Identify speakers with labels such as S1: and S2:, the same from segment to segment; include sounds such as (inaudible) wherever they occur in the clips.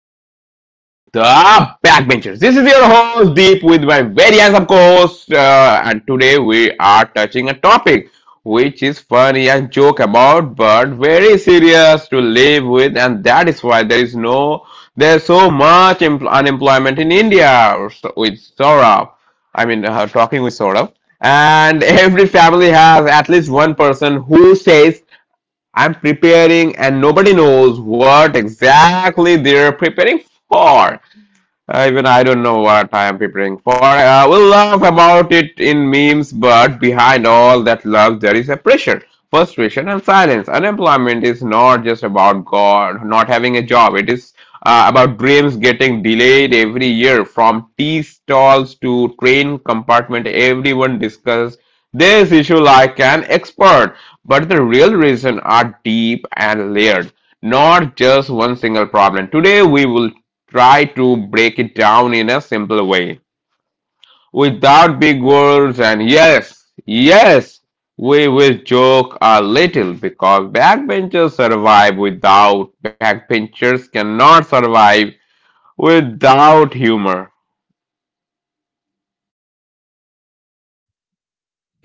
S1: listeners in our show, The Backbenchers. This is your host Deep with my very handsome co-host, and today we are touching a topic which is funny and joke about, but very serious to live with, and that is why there is no there's so much unemployment in India with Saurabh. I mean, talking with Saurabh. And every family has at least one person who says I'm preparing, and nobody knows what exactly they're preparing for. Even I don't know what I am preparing for. We'll laugh about it in memes, but behind all that love, there is a pressure, frustration, and silence. Unemployment is not just about God not having a job. It is about dreams getting delayed every year, from tea stalls to train compartment. Everyone discusses this issue like an expert, but the real reasons are deep and layered, not just one single problem. Today, we will try to break it down in a simple way without big words. And yes, yes, we will joke a little because backbenchers cannot survive without humor.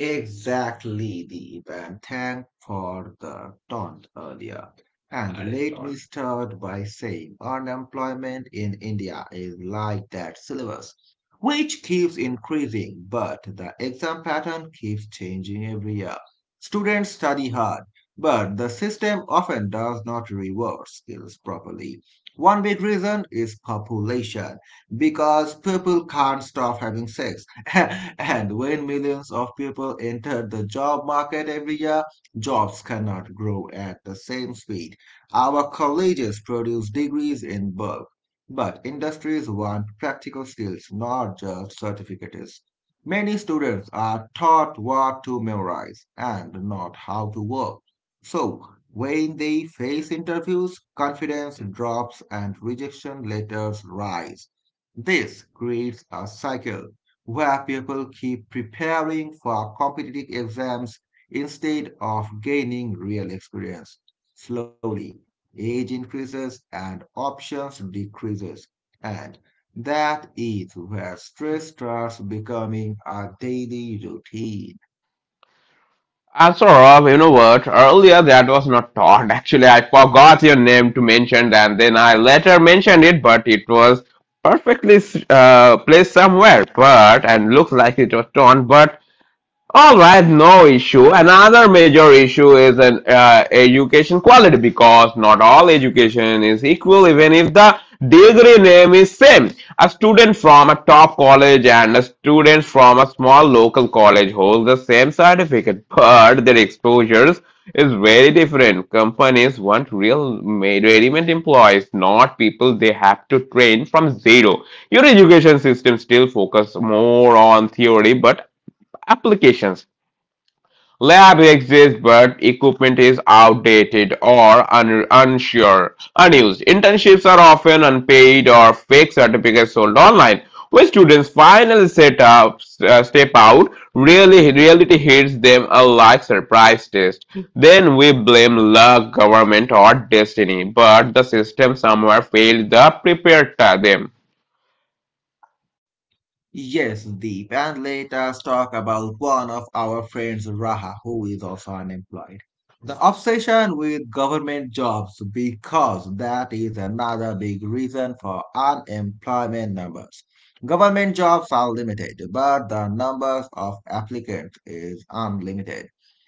S2: Exactly, Deep, and thank for the taunt earlier. And I let me thought, start by saying unemployment in India is like that syllabus, which keeps increasing, but the exam pattern keeps changing every year. Students study hard, but the system often does not reward skills properly. One big reason is population, because people can't stop having sex (laughs) and when millions of people enter the job market every year, jobs cannot grow at the same speed. Our colleges produce degrees in bulk, but industries want practical skills, not just certificates. Many students are taught what to memorize and not how to work. So, when they face interviews, confidence drops and rejection letters rise. This creates a cycle where people keep preparing for competitive exams instead of gaining real experience. Slowly, age increases and options decreases, and that is where stress starts becoming a daily routine.
S1: I'm sorry, Rob, you know what? Earlier that was not taught. (laughs) Actually, I forgot your name to mention, and then I later mentioned it, but it was perfectly placed somewhere. But, and looks like it was torn. But all right, no issue. Another major issue is an education quality because not all education is equal even if the degree name is same. A student from a top college and a student from a small local college holds the same certificate, but their exposures is very different. Companies want real made ready-made employees, not people they have to train from zero. Your education system still focus more on theory, but applications lab exists, but equipment is outdated or unsure, unused. Internships are often unpaid or fake certificates sold online. When students finally set up, step out, really reality hits them a like surprise test. Then we blame luck, government, or destiny, but the system somewhere failed to prepare them.
S2: Yes, Deep. And let us talk about one of our friends, Raha, who is also unemployed. The obsession with government jobs, because that is another big reason for unemployment numbers. Government jobs are limited, but the numbers of applicants is unlimited.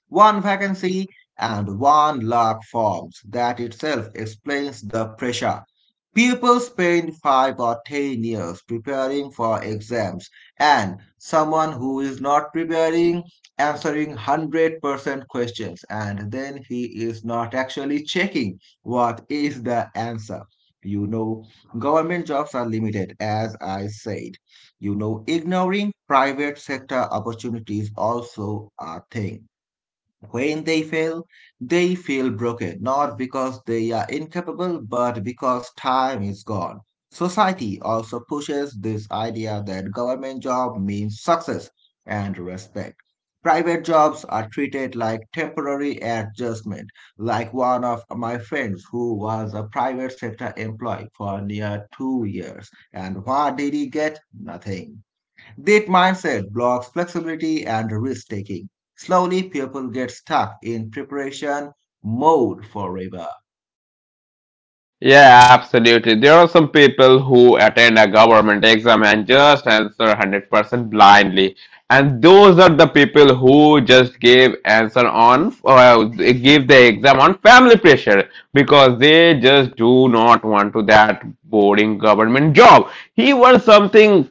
S2: One vacancy and one lakh forms. That itself explains the pressure. People spend 5 or 10 years preparing for exams, and someone who is not preparing answering 100% questions, and then he is not actually checking what is the answer. You know, government jobs are limited, as I said. You know, ignoring private sector opportunities also a thing. When they fail, they feel broken, not because they are incapable, but because time is gone. Society also pushes this idea that government job means success and respect. Private jobs are treated like temporary adjustment, like one of my friends who was a private sector employee for near 2 years. And what did he get? Nothing. That mindset blocks flexibility and risk taking. Slowly, people get stuck in preparation mode forever.
S1: Yeah, absolutely. There are some people who attend a government exam and just answer 100% blindly. And those are the people who just give answer on give the exam on family pressure because they just do not want to that boring government job. He wants something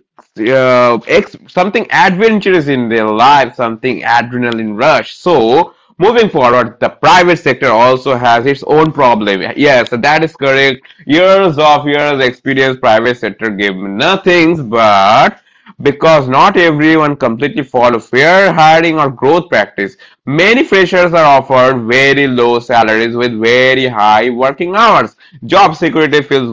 S1: something adventurous in their life, something adrenaline rush. So moving forward, the private sector also has its own problem. Yes, that is correct. Years of years experience private sector gave nothing, but because not everyone completely follow fair hiring or growth practice. Many freshers are offered very low salaries with very high working hours. Job security feels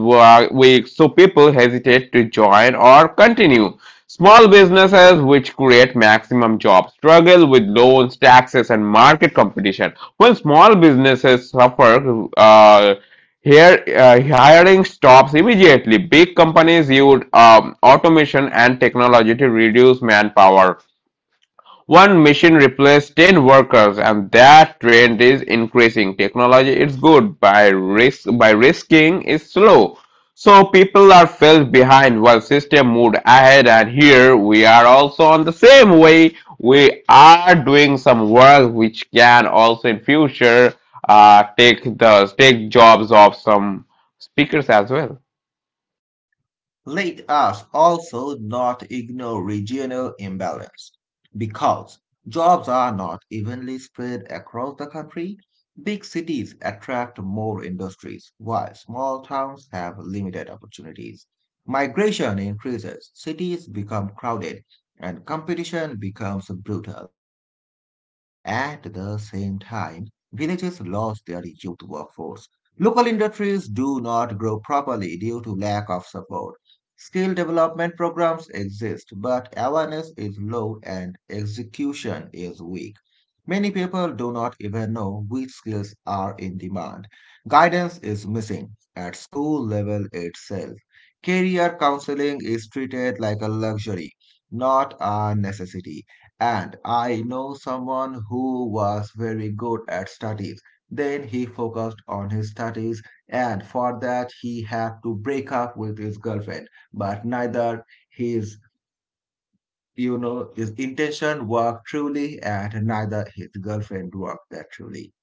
S1: weak, so people hesitate to join or continue. Small businesses which create maximum jobs struggle with loans, taxes, and market competition. When small businesses suffer, here, hiring stops immediately. Big companies use automation and technology to reduce manpower. One machine replaced 10 workers and that trend is increasing. Technology is good by risk, by risking is slow. So people are felt behind while system moved ahead, and here we are also on the same way. We are doing some work which can also in future take the take jobs of some speakers as well.
S2: Let us also not ignore regional imbalance because jobs are not evenly spread across the country. Big cities attract more industries while small towns have limited opportunities. Migration increases, cities become crowded, and competition becomes brutal. At the same time, villages lose their youth workforce. Local industries do not grow properly due to lack of support. Skill development programs exist, but awareness is low and execution is weak. Many people do not even know which skills are in demand. Guidance is missing at school level itself. Career counseling is treated like a luxury, not a necessity. And I know someone who was very good at studies. Then he focused on his studies, and for that, he had to break up with his girlfriend, but neither his, you know, his intention worked truly and neither his girlfriend worked that truly.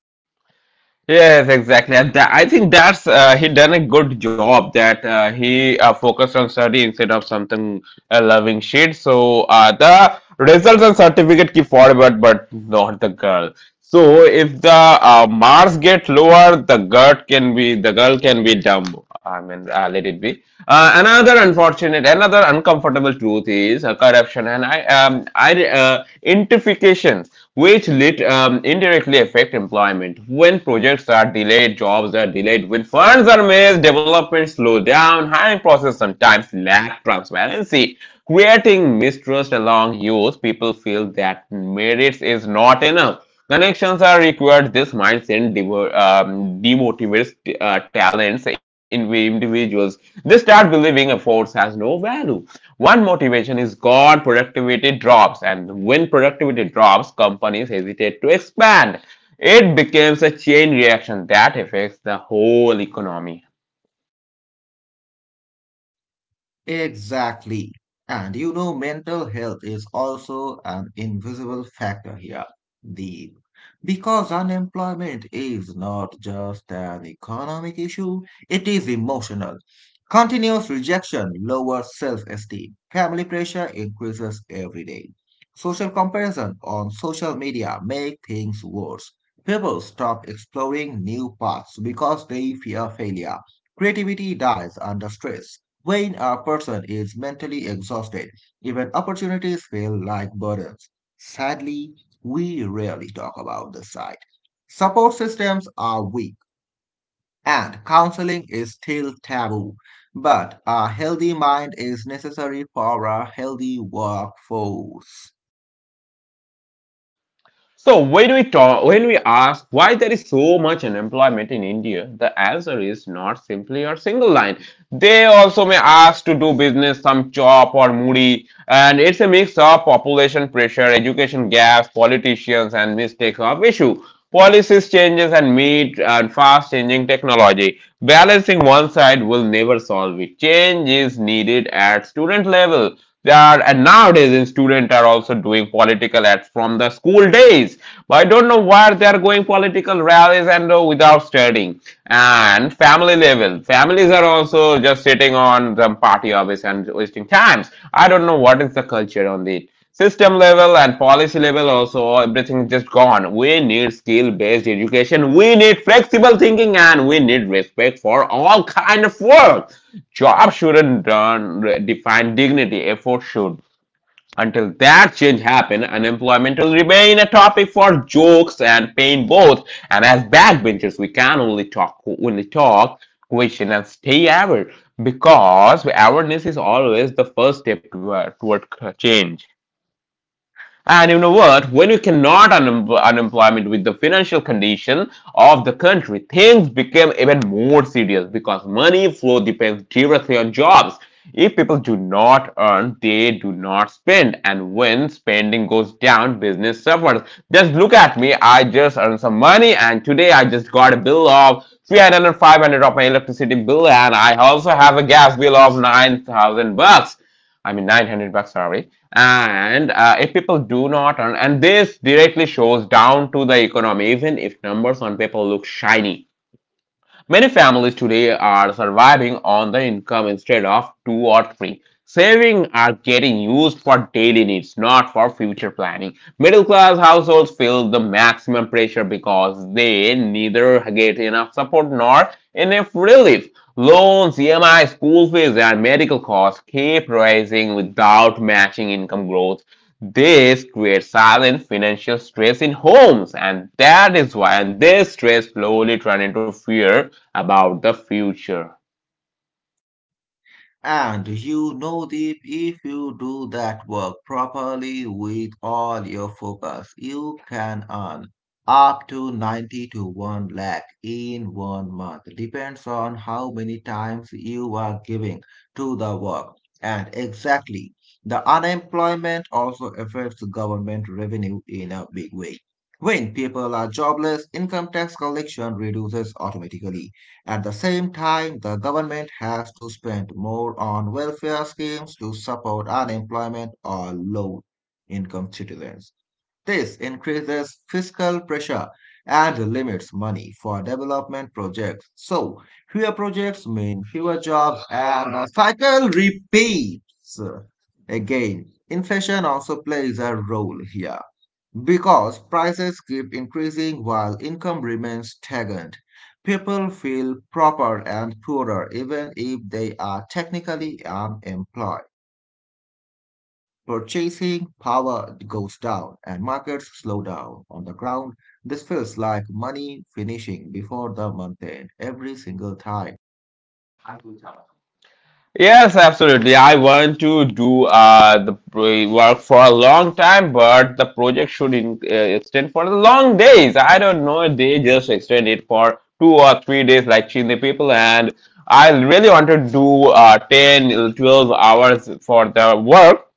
S1: Yes, exactly. And I think that's he done a good job that he focused on study instead of something loving shit. So the results and certificate keep forward, but not the girl. So if the Mars get lower, the girl can be dumb. I mean, let it be. Another unfortunate, another uncomfortable truth is corruption and identifications, which indirectly affect employment. When projects are delayed, jobs are delayed. When funds are missed, development slow down. Hiring process sometimes lack transparency, creating mistrust along youth. People feel that merits is not enough. Connections are required. This mindset demotivates talents in individuals. They start believing efforts has no value. One motivation is gone, productivity drops, and when productivity drops, companies hesitate to expand. It becomes a chain reaction that affects the whole economy.
S2: Exactly. And you know, mental health is also an invisible factor here, Deep. Because unemployment is not just an economic issue, it is emotional. Continuous rejection lowers self-esteem. Family pressure increases every day. Social comparison on social media make things worse. People stop exploring new paths because they fear failure. Creativity dies under stress. When a person is mentally exhausted, even opportunities feel like burdens. Sadly, we rarely talk about this side. Support systems are weak and counseling is still taboo, but a healthy mind is necessary for a healthy workforce.
S1: So when we ask why there is so much unemployment in India, the answer is not simply a single line. They also may ask to do business, some chop or moody, and it's a mix of population pressure, education gaps, politicians, and mistakes of issue, policies changes and meet and fast changing technology. Balancing one side will never solve it. Change is needed at student level. And nowadays in students are also doing political ads from the school days. But I don't know why they are going political rallies and without studying. And family level, families are also just sitting on the party office and wasting times. I don't know what is the culture on it. System level and policy level also, everything just gone. We need skill-based education. We need flexible thinking, and we need respect for all kind of work. Job shouldn't define dignity. Effort should. Until that change happen, unemployment will remain a topic for jokes and pain both. And as backbenchers, we can only talk, question, and stay aware because awareness is always the first step toward change. And you know what? When you cannot unemployment with the financial condition of the country, things became even more serious because money flow depends directly on jobs. If people do not earn, they do not spend, and when spending goes down, business suffers. Just look at me. I just earned some money, and today I just got a bill of 300 500 of my electricity bill, and I also have a gas bill of 9,000 bucks. I mean 900 bucks, sorry. And if people do not earn, and this directly shows down to the economy, even if numbers on paper look shiny. Many families today are surviving on the income instead of two or three. Savings are getting used for daily needs, not for future planning. Middle class households feel the maximum pressure because they neither get enough support nor enough relief. Loans, EMI, school fees, and medical costs keep rising without matching income growth. This creates silent financial stress in homes, and that is why, and this stress slowly turns into fear about the future.
S2: And you know, Deep, if you do that work properly with all your focus, you can earn up to 90 to 1 lakh in one month. Depends on how many times you are giving to the work. And exactly, the unemployment also affects government revenue in a big way. When people are jobless, income tax collection reduces automatically. At the same time, the government has to spend more on welfare schemes to support unemployment or low income citizens. This increases fiscal pressure and limits money for development projects. So, fewer projects mean fewer jobs, and the cycle repeats again. Inflation also plays a role here. Because prices keep increasing while income remains stagnant, people feel poorer and poorer even if they are technically unemployed. Purchasing power goes down and markets slow down. On the ground, this feels like money finishing before the month end every single time.
S1: Yes, absolutely. I want to do work for a long time, but the project should in, extend for the long days. I don't know. They just extend it for 2 or 3 days, like Chindi people. And I really want to do 10, 12 hours for the work.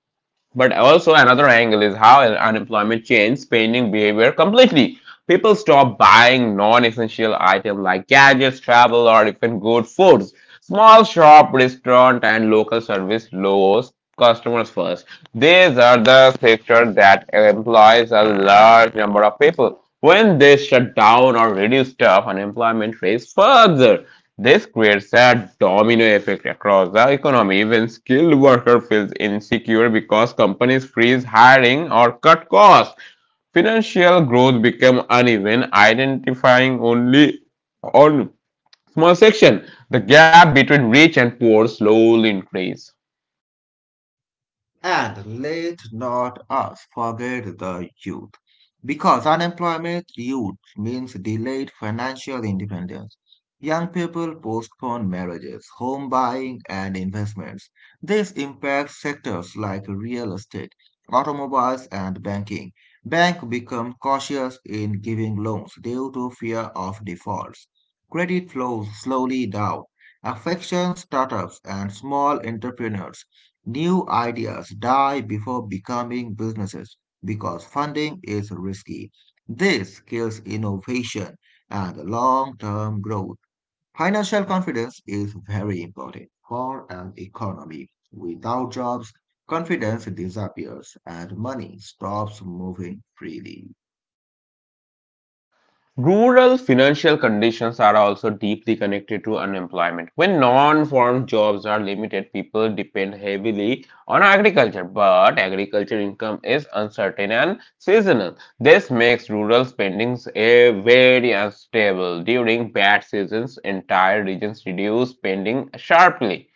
S1: But also another angle is how unemployment changed spending behavior completely. People stop buying non-essential items like gadgets, travel, or even good foods. Small shop, restaurant, and local service lowers customers first. These are the sector that employs a large number of people. When they shut down or reduce staff, unemployment rates further. This creates a domino effect across the economy when skilled worker feels insecure because companies freeze hiring or cut costs. Financial growth become uneven, identifying only on small section. The gap between rich and poor slowly increase.
S2: And let not us forget the youth, because unemployment youth means delayed financial independence. Young people postpone marriages, home buying, and investments. This impacts sectors like real estate, automobiles, and banking. Banks become cautious in giving loans due to fear of defaults. Credit flows slowly down, affecting startups and small entrepreneurs. New ideas die before becoming businesses because funding is risky. This kills innovation and long-term growth. Financial confidence is very important for an economy. Without jobs, confidence disappears and money stops moving freely.
S1: Rural financial conditions are also deeply connected to unemployment. When non-farm jobs are limited, people depend heavily on agriculture, but agriculture income is uncertain and seasonal. This makes rural spendings a very unstable. During bad seasons, entire regions reduce spending sharply.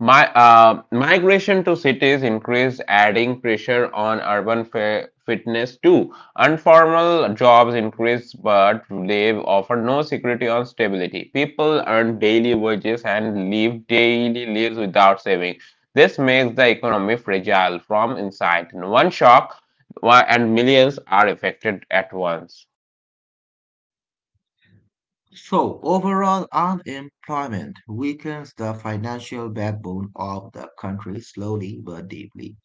S1: My migration to cities increased, adding pressure on urban fitness too. Informal jobs increased, but they offer no security or stability. People earn daily wages and live daily lives without saving. This makes the economy fragile from inside. In one shock, and millions are affected at once.
S2: So, overall unemployment weakens the financial backbone of the country slowly but deeply.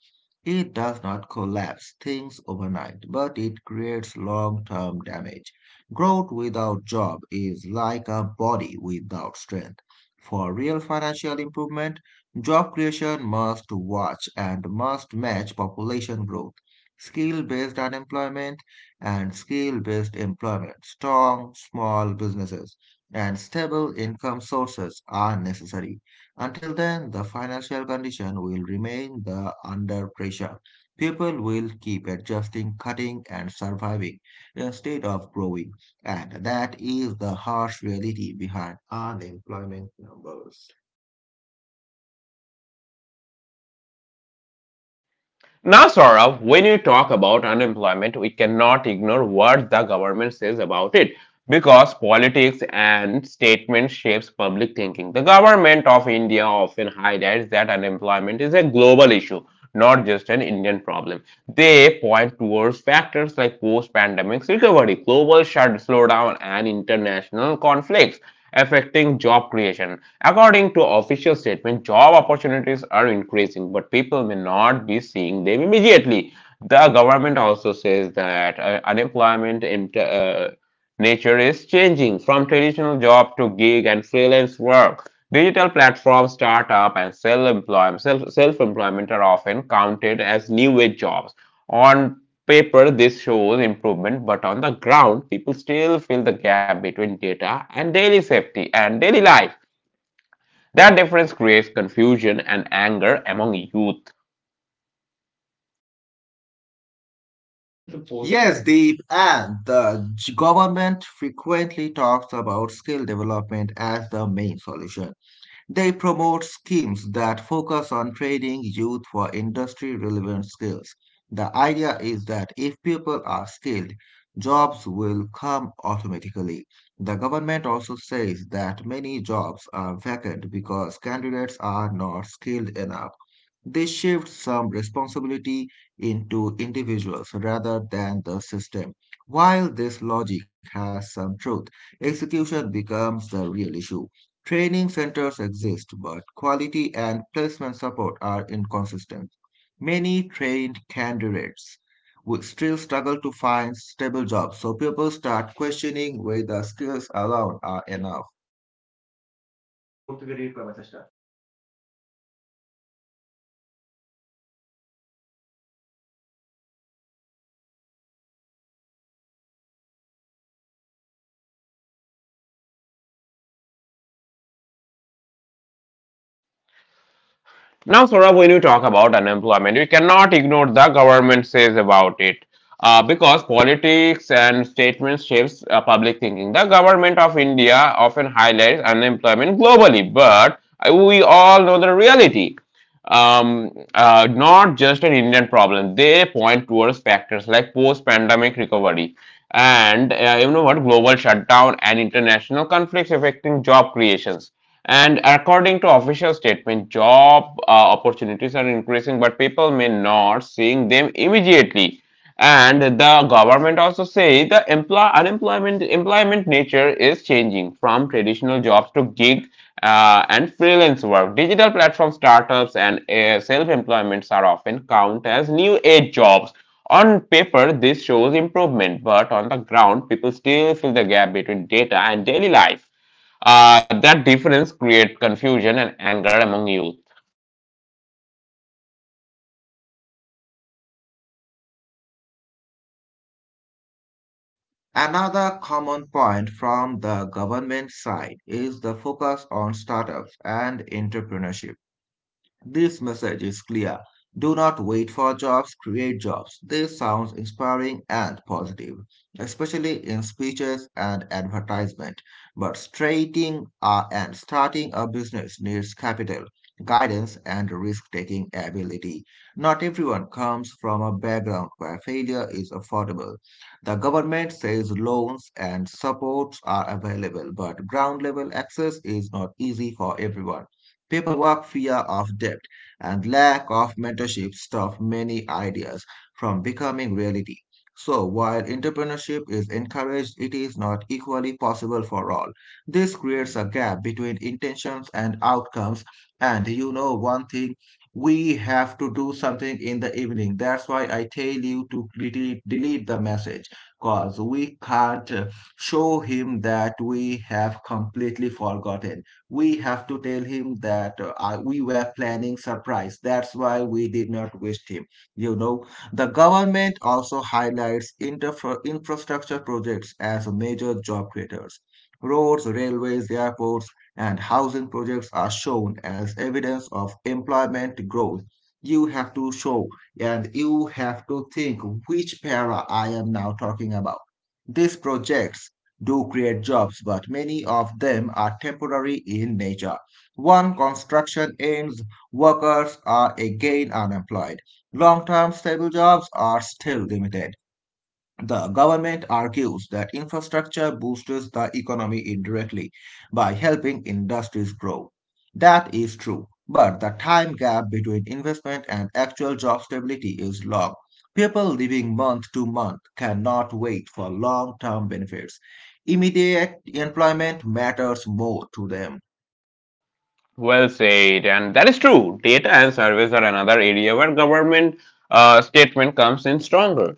S2: It does not collapse things overnight, but it creates long term damage. Growth without job is like a body without strength. For real financial improvement, job creation must watch and must match population growth. Skill based unemployment and skill-based employment, strong small businesses, and stable income sources are necessary. Until then, the financial condition will remain the under pressure. People will keep adjusting, cutting, and surviving instead of growing, and that is the harsh reality behind unemployment numbers.
S1: Now, Saurabh, when you talk about unemployment, we cannot ignore what the government says about it, because politics and statement shapes public thinking. The government of India often highlights that unemployment is a global issue, not just an Indian problem. They point towards factors like post-pandemic recovery, global shut slowdown, and international conflicts affecting job creation. According to official statement, job opportunities are increasing, but people may not be seeing them immediately. The government also says that unemployment nature is changing from traditional job to gig and freelance work. Digital platforms, startup, and self-employment are often counted as new age jobs. On paper, this shows improvement, but on the ground, people still fill the gap between data and daily safety and daily life. That difference creates confusion and anger among youth.
S2: I'm supposed Yes, Deep, and the government frequently talks about skill development as the main solution. They promote schemes that focus on training youth for industry relevant skills. The idea is that if people are skilled, jobs will come automatically. The government also says that many jobs are vacant because candidates are not skilled enough. This shifts some responsibility into individuals rather than the system. While this logic has some truth, execution becomes the real issue. Training centers exist, but quality and placement support are inconsistent. Many trained candidates would still struggle to find stable jobs, so people start questioning whether skills alone are enough.
S1: Now, Saurabh, when you talk about unemployment, you cannot ignore the government says about it. Because politics and statements shapes public thinking. The government of India often highlights unemployment globally, but we all know the reality. Not just an Indian problem. They point towards factors like post-pandemic recovery and you know what global shutdown and international conflicts affecting job creations, and according to official statement, job opportunities are increasing, but people may not seeing them immediately. And the government also say the employment nature is changing from traditional jobs to gig and freelance work. Digital platform startups and self-employments are often count as new age jobs. On paper, this shows improvement, but on the ground, people still fill the gap between data and daily life. That difference creates confusion and anger among youth.
S2: Another common point from the government side is the focus on startups and entrepreneurship. This message is clear. Do not wait for jobs, create jobs. This sounds inspiring and positive, especially in speeches and advertisement. But starting a business needs capital, guidance, and risk-taking ability. Not everyone comes from a background where failure is affordable. The government says loans and supports are available, but ground-level access is not easy for everyone. Paperwork, fear of debt, and lack of mentorship stop many ideas from becoming reality. So, while entrepreneurship is encouraged, it is not equally possible for all. This creates a gap between intentions and outcomes. And you know, one thing, we have to do something in the evening. That's why I tell you to delete the message because we can't show him that we have completely forgotten. We have to tell him that we were planning surprise. That's why we did not wish him, you know. The government also highlights infrastructure projects as major job creators. Roads, railways, airports, and housing projects are shown as evidence of employment growth. You have to show and you have to think which para I am now talking about. These projects do create jobs, but many of them are temporary in nature. One construction ends, workers are again unemployed. Long term stable jobs are still limited. The government argues that infrastructure boosts the economy indirectly by helping industries grow. That is true, but the time gap between investment and actual job stability is long. People living month to month cannot wait for long term benefits. Immediate employment matters more to them.
S1: Well said, and that is true. Data and surveys are another area where government statement comes in stronger.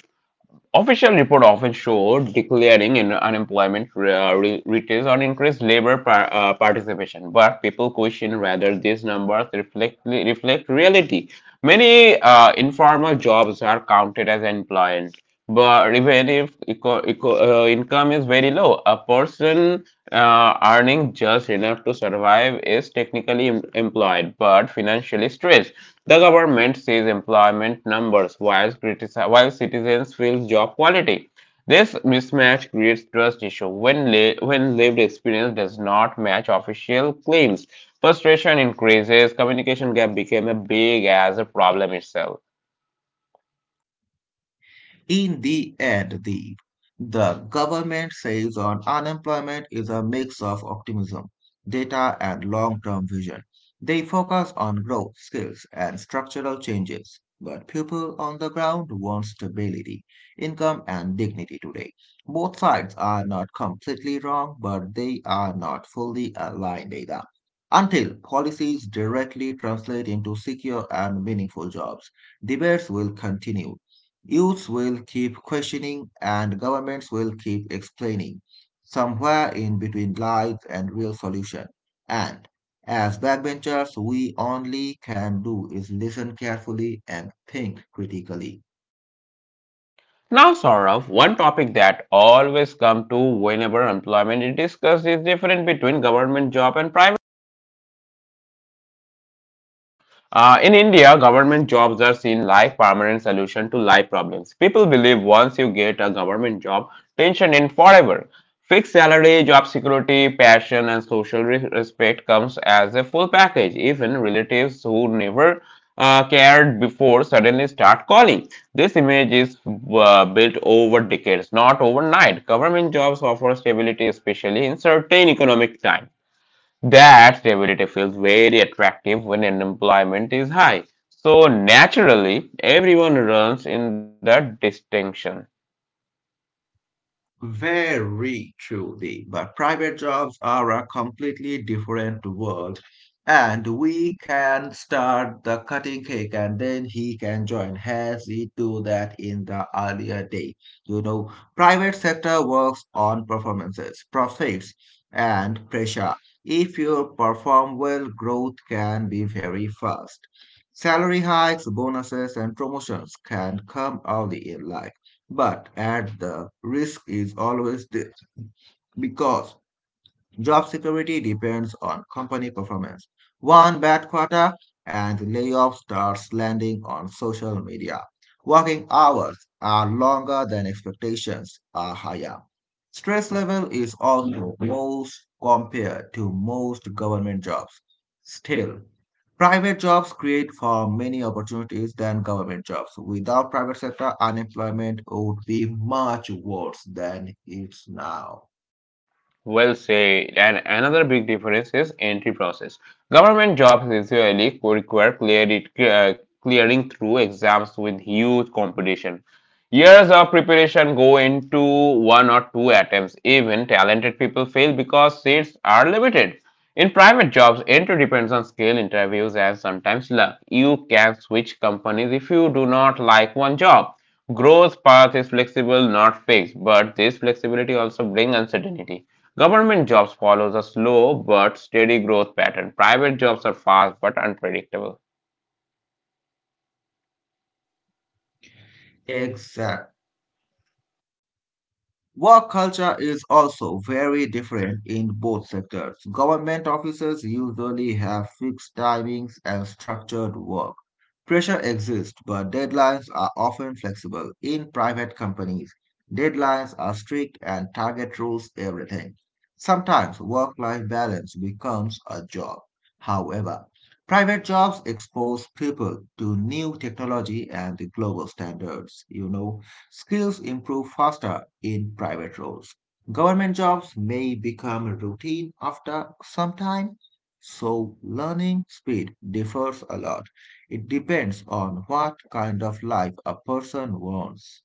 S1: Official report often show declaring in unemployment retails on increased labor participation, but people question whether these numbers reflect reality. Many informal jobs are counted as employment but derivative income is very low. A person earning just enough to survive is technically employed but financially stressed. The government sees employment numbers while, while citizens feel job quality. This mismatch creates trust issue when lived experience does not match official claims. Frustration increases, communication gap became a big as a problem itself.
S2: In the end, the government says on unemployment is a mix of optimism, data, and long term vision. They focus on growth, skills, and structural changes. But people on the ground want stability, income, and dignity today. Both sides are not completely wrong, but they are not fully aligned either. Until policies directly translate into secure and meaningful jobs, debates will continue. Youths will keep questioning and governments will keep explaining. Somewhere in between lies and real solution. And as backbenchers, we only can do is listen carefully and think critically.
S1: Now, Saurav, one topic that always come to whenever employment is discussed is different between government job and private. In India, government jobs are seen like permanent solution to life problems. People believe once you get a government job, pension in forever. Fixed salary, job security, passion, and social respect comes as a full package. Even relatives who never cared before suddenly start calling. This image is built over decades, not overnight. Government jobs offer stability, especially in certain economic times. That stability feels very attractive when unemployment is high. So naturally, everyone runs in that distinction.
S2: Very truly, but private jobs are a completely different world, and we can start the cutting cake and then he can join, as he do that in the earlier day. You know, private sector works on performances, profits, and pressure. If you perform well, growth can be very fast. Salary hikes, bonuses, and promotions can come early in life. But at the risk is always there because job security depends on company performance. One bad quarter and layoff starts landing on social media. Working hours are longer than expectations are higher. Stress level is also most compared to most government jobs. Still, private jobs create far many opportunities than government jobs. Without private sector, unemployment would be much worse than it's now.
S1: Well said. And another big difference is entry process. Government jobs usually require clearing through exams with huge competition. Years of preparation go into one or two attempts. Even talented people fail because seats are limited. In private jobs, entry depends on skill, interviews, and sometimes luck. You can switch companies if you do not like one job. Growth path is flexible, not fixed, but this flexibility also brings uncertainty. Government jobs follows a slow but steady growth pattern. Private jobs are fast but unpredictable.
S2: Exactly. Work culture is also very different in both sectors. Government offices usually have fixed timings and structured work. Pressure exists, but deadlines are often flexible. In private companies, deadlines are strict and target rules everything. Sometimes work-life balance becomes a job. However, private jobs expose people to new technology and the global standards, you know. Skills improve faster in private roles. Government jobs may become routine after some time, so learning speed differs a lot. It depends on what kind of life a person wants.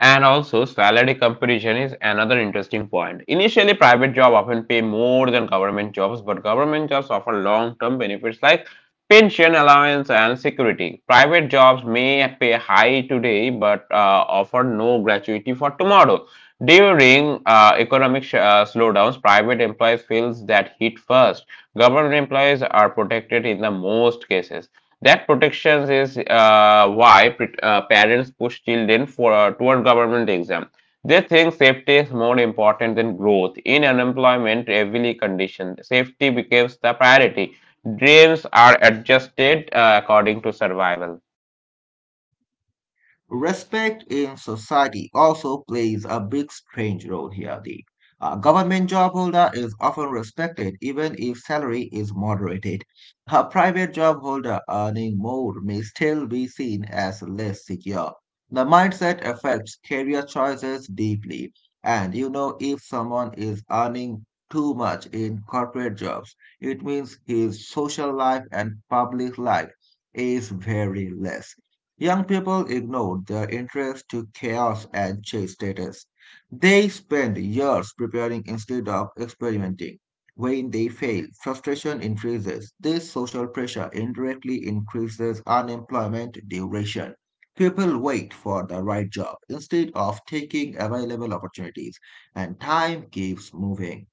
S1: And also, salary comparison is another interesting point. Initially, private jobs often pay more than government jobs, but government jobs offer long-term benefits like pension allowance and security. Private jobs may pay high today, but offer no gratuity for tomorrow. During economic slowdowns, private employees feels that hit first. Government employees are protected in the most cases. That protection is why parents push children for toward government exam. They think safety is more important than growth. In unemployment, heavily conditioned, safety becomes the priority. Dreams are adjusted according to survival.
S2: Respect in society also plays a big strange role here, Deep. A government job holder is often respected even if salary is moderated. A private job holder earning more may still be seen as less secure. The mindset affects career choices deeply. And you know, if someone is earning too much in corporate jobs, it means his social life and public life is very less. Young people ignored their interest to chaos and chase status. They spend years preparing instead of experimenting. When they fail, frustration increases. This social pressure indirectly increases unemployment duration. People wait for the right job instead of taking available opportunities, and time keeps moving.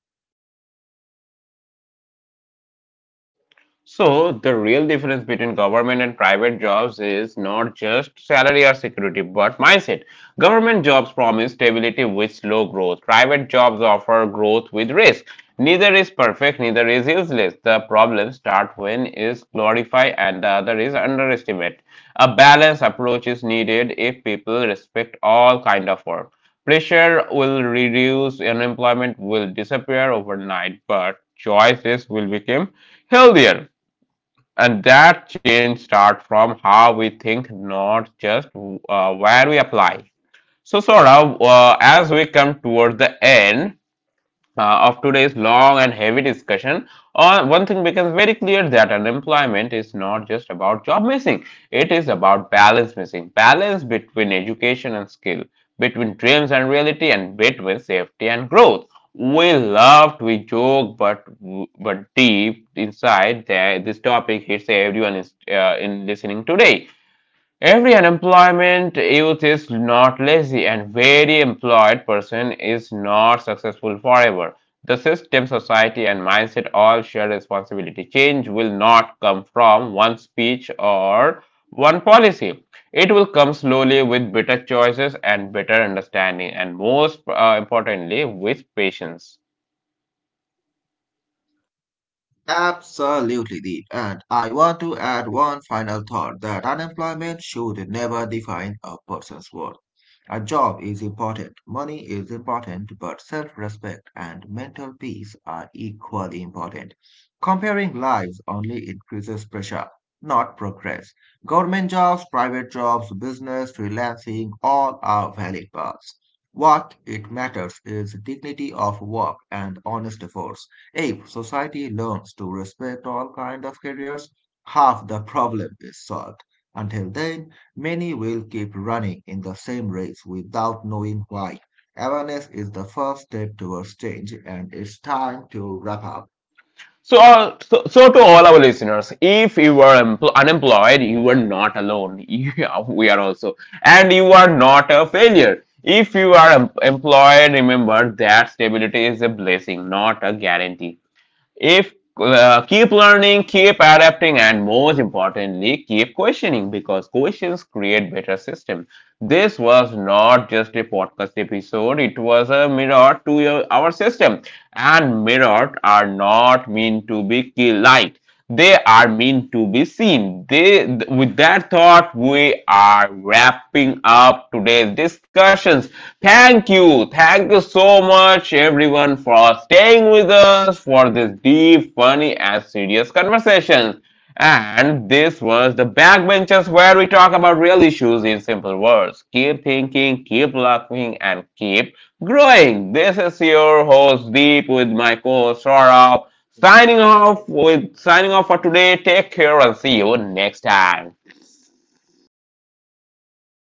S1: So, the real difference between government and private jobs is not just salary or security, but mindset. Government jobs promise stability with slow growth. Private jobs offer growth with risk. Neither is perfect, neither is useless. The problems start when is glorified and the other is underestimate. A balanced approach is needed if people respect all kind of work. Pressure will reduce, unemployment will disappear overnight, but choices will become healthier. And that change starts from how we think, not just where we apply. So, as we come toward the end of today's long and heavy discussion, one thing becomes very clear that unemployment is not just about job missing, it is about balance missing. Balance between education and skill, between dreams and reality, and between safety and growth. We laughed, we joked, but deep inside, there, this topic hits everyone is in listening today. Every unemployment youth is not lazy, and very employed person is not successful forever. The system, society, and mindset all share responsibility. Change will not come from one speech or one policy. It will come slowly with better choices and better understanding, and most importantly, with patience.
S2: Absolutely deep. And I want to add one final thought that unemployment should never define a person's worth. A job is important, money is important, but self respect and mental peace are equally important. Comparing lives only increases pressure, not progress. Government jobs, private jobs, business, freelancing, all are valid paths. What it matters is dignity of work and honest efforts. If society learns to respect all kinds of careers, half the problem is solved. Until then, many will keep running in the same race without knowing why. Awareness is the first step towards change, and it's time to wrap up.
S1: So to all our listeners, if you were unemployed, you were not alone. (laughs) Yeah, we are also, and you are not a failure. If you are employed, remember that stability is a blessing, not a guarantee. If keep learning, keep adapting, and most importantly, keep questioning because questions create better systems. This was not just a podcast episode, it was a mirror to our system. And mirrors are not meant to be liked, they are meant to be seen. They, with that thought, we are wrapping up today's discussions. Thank you, thank you so much, everyone, for staying with us for this deep, funny, and serious conversations. And this was the backbenchers where we talk about real issues in simple words. Keep thinking, keep laughing, and keep growing. This is your host Deep with my co-host Saurabh. Signing off for today. Take care and see you next time.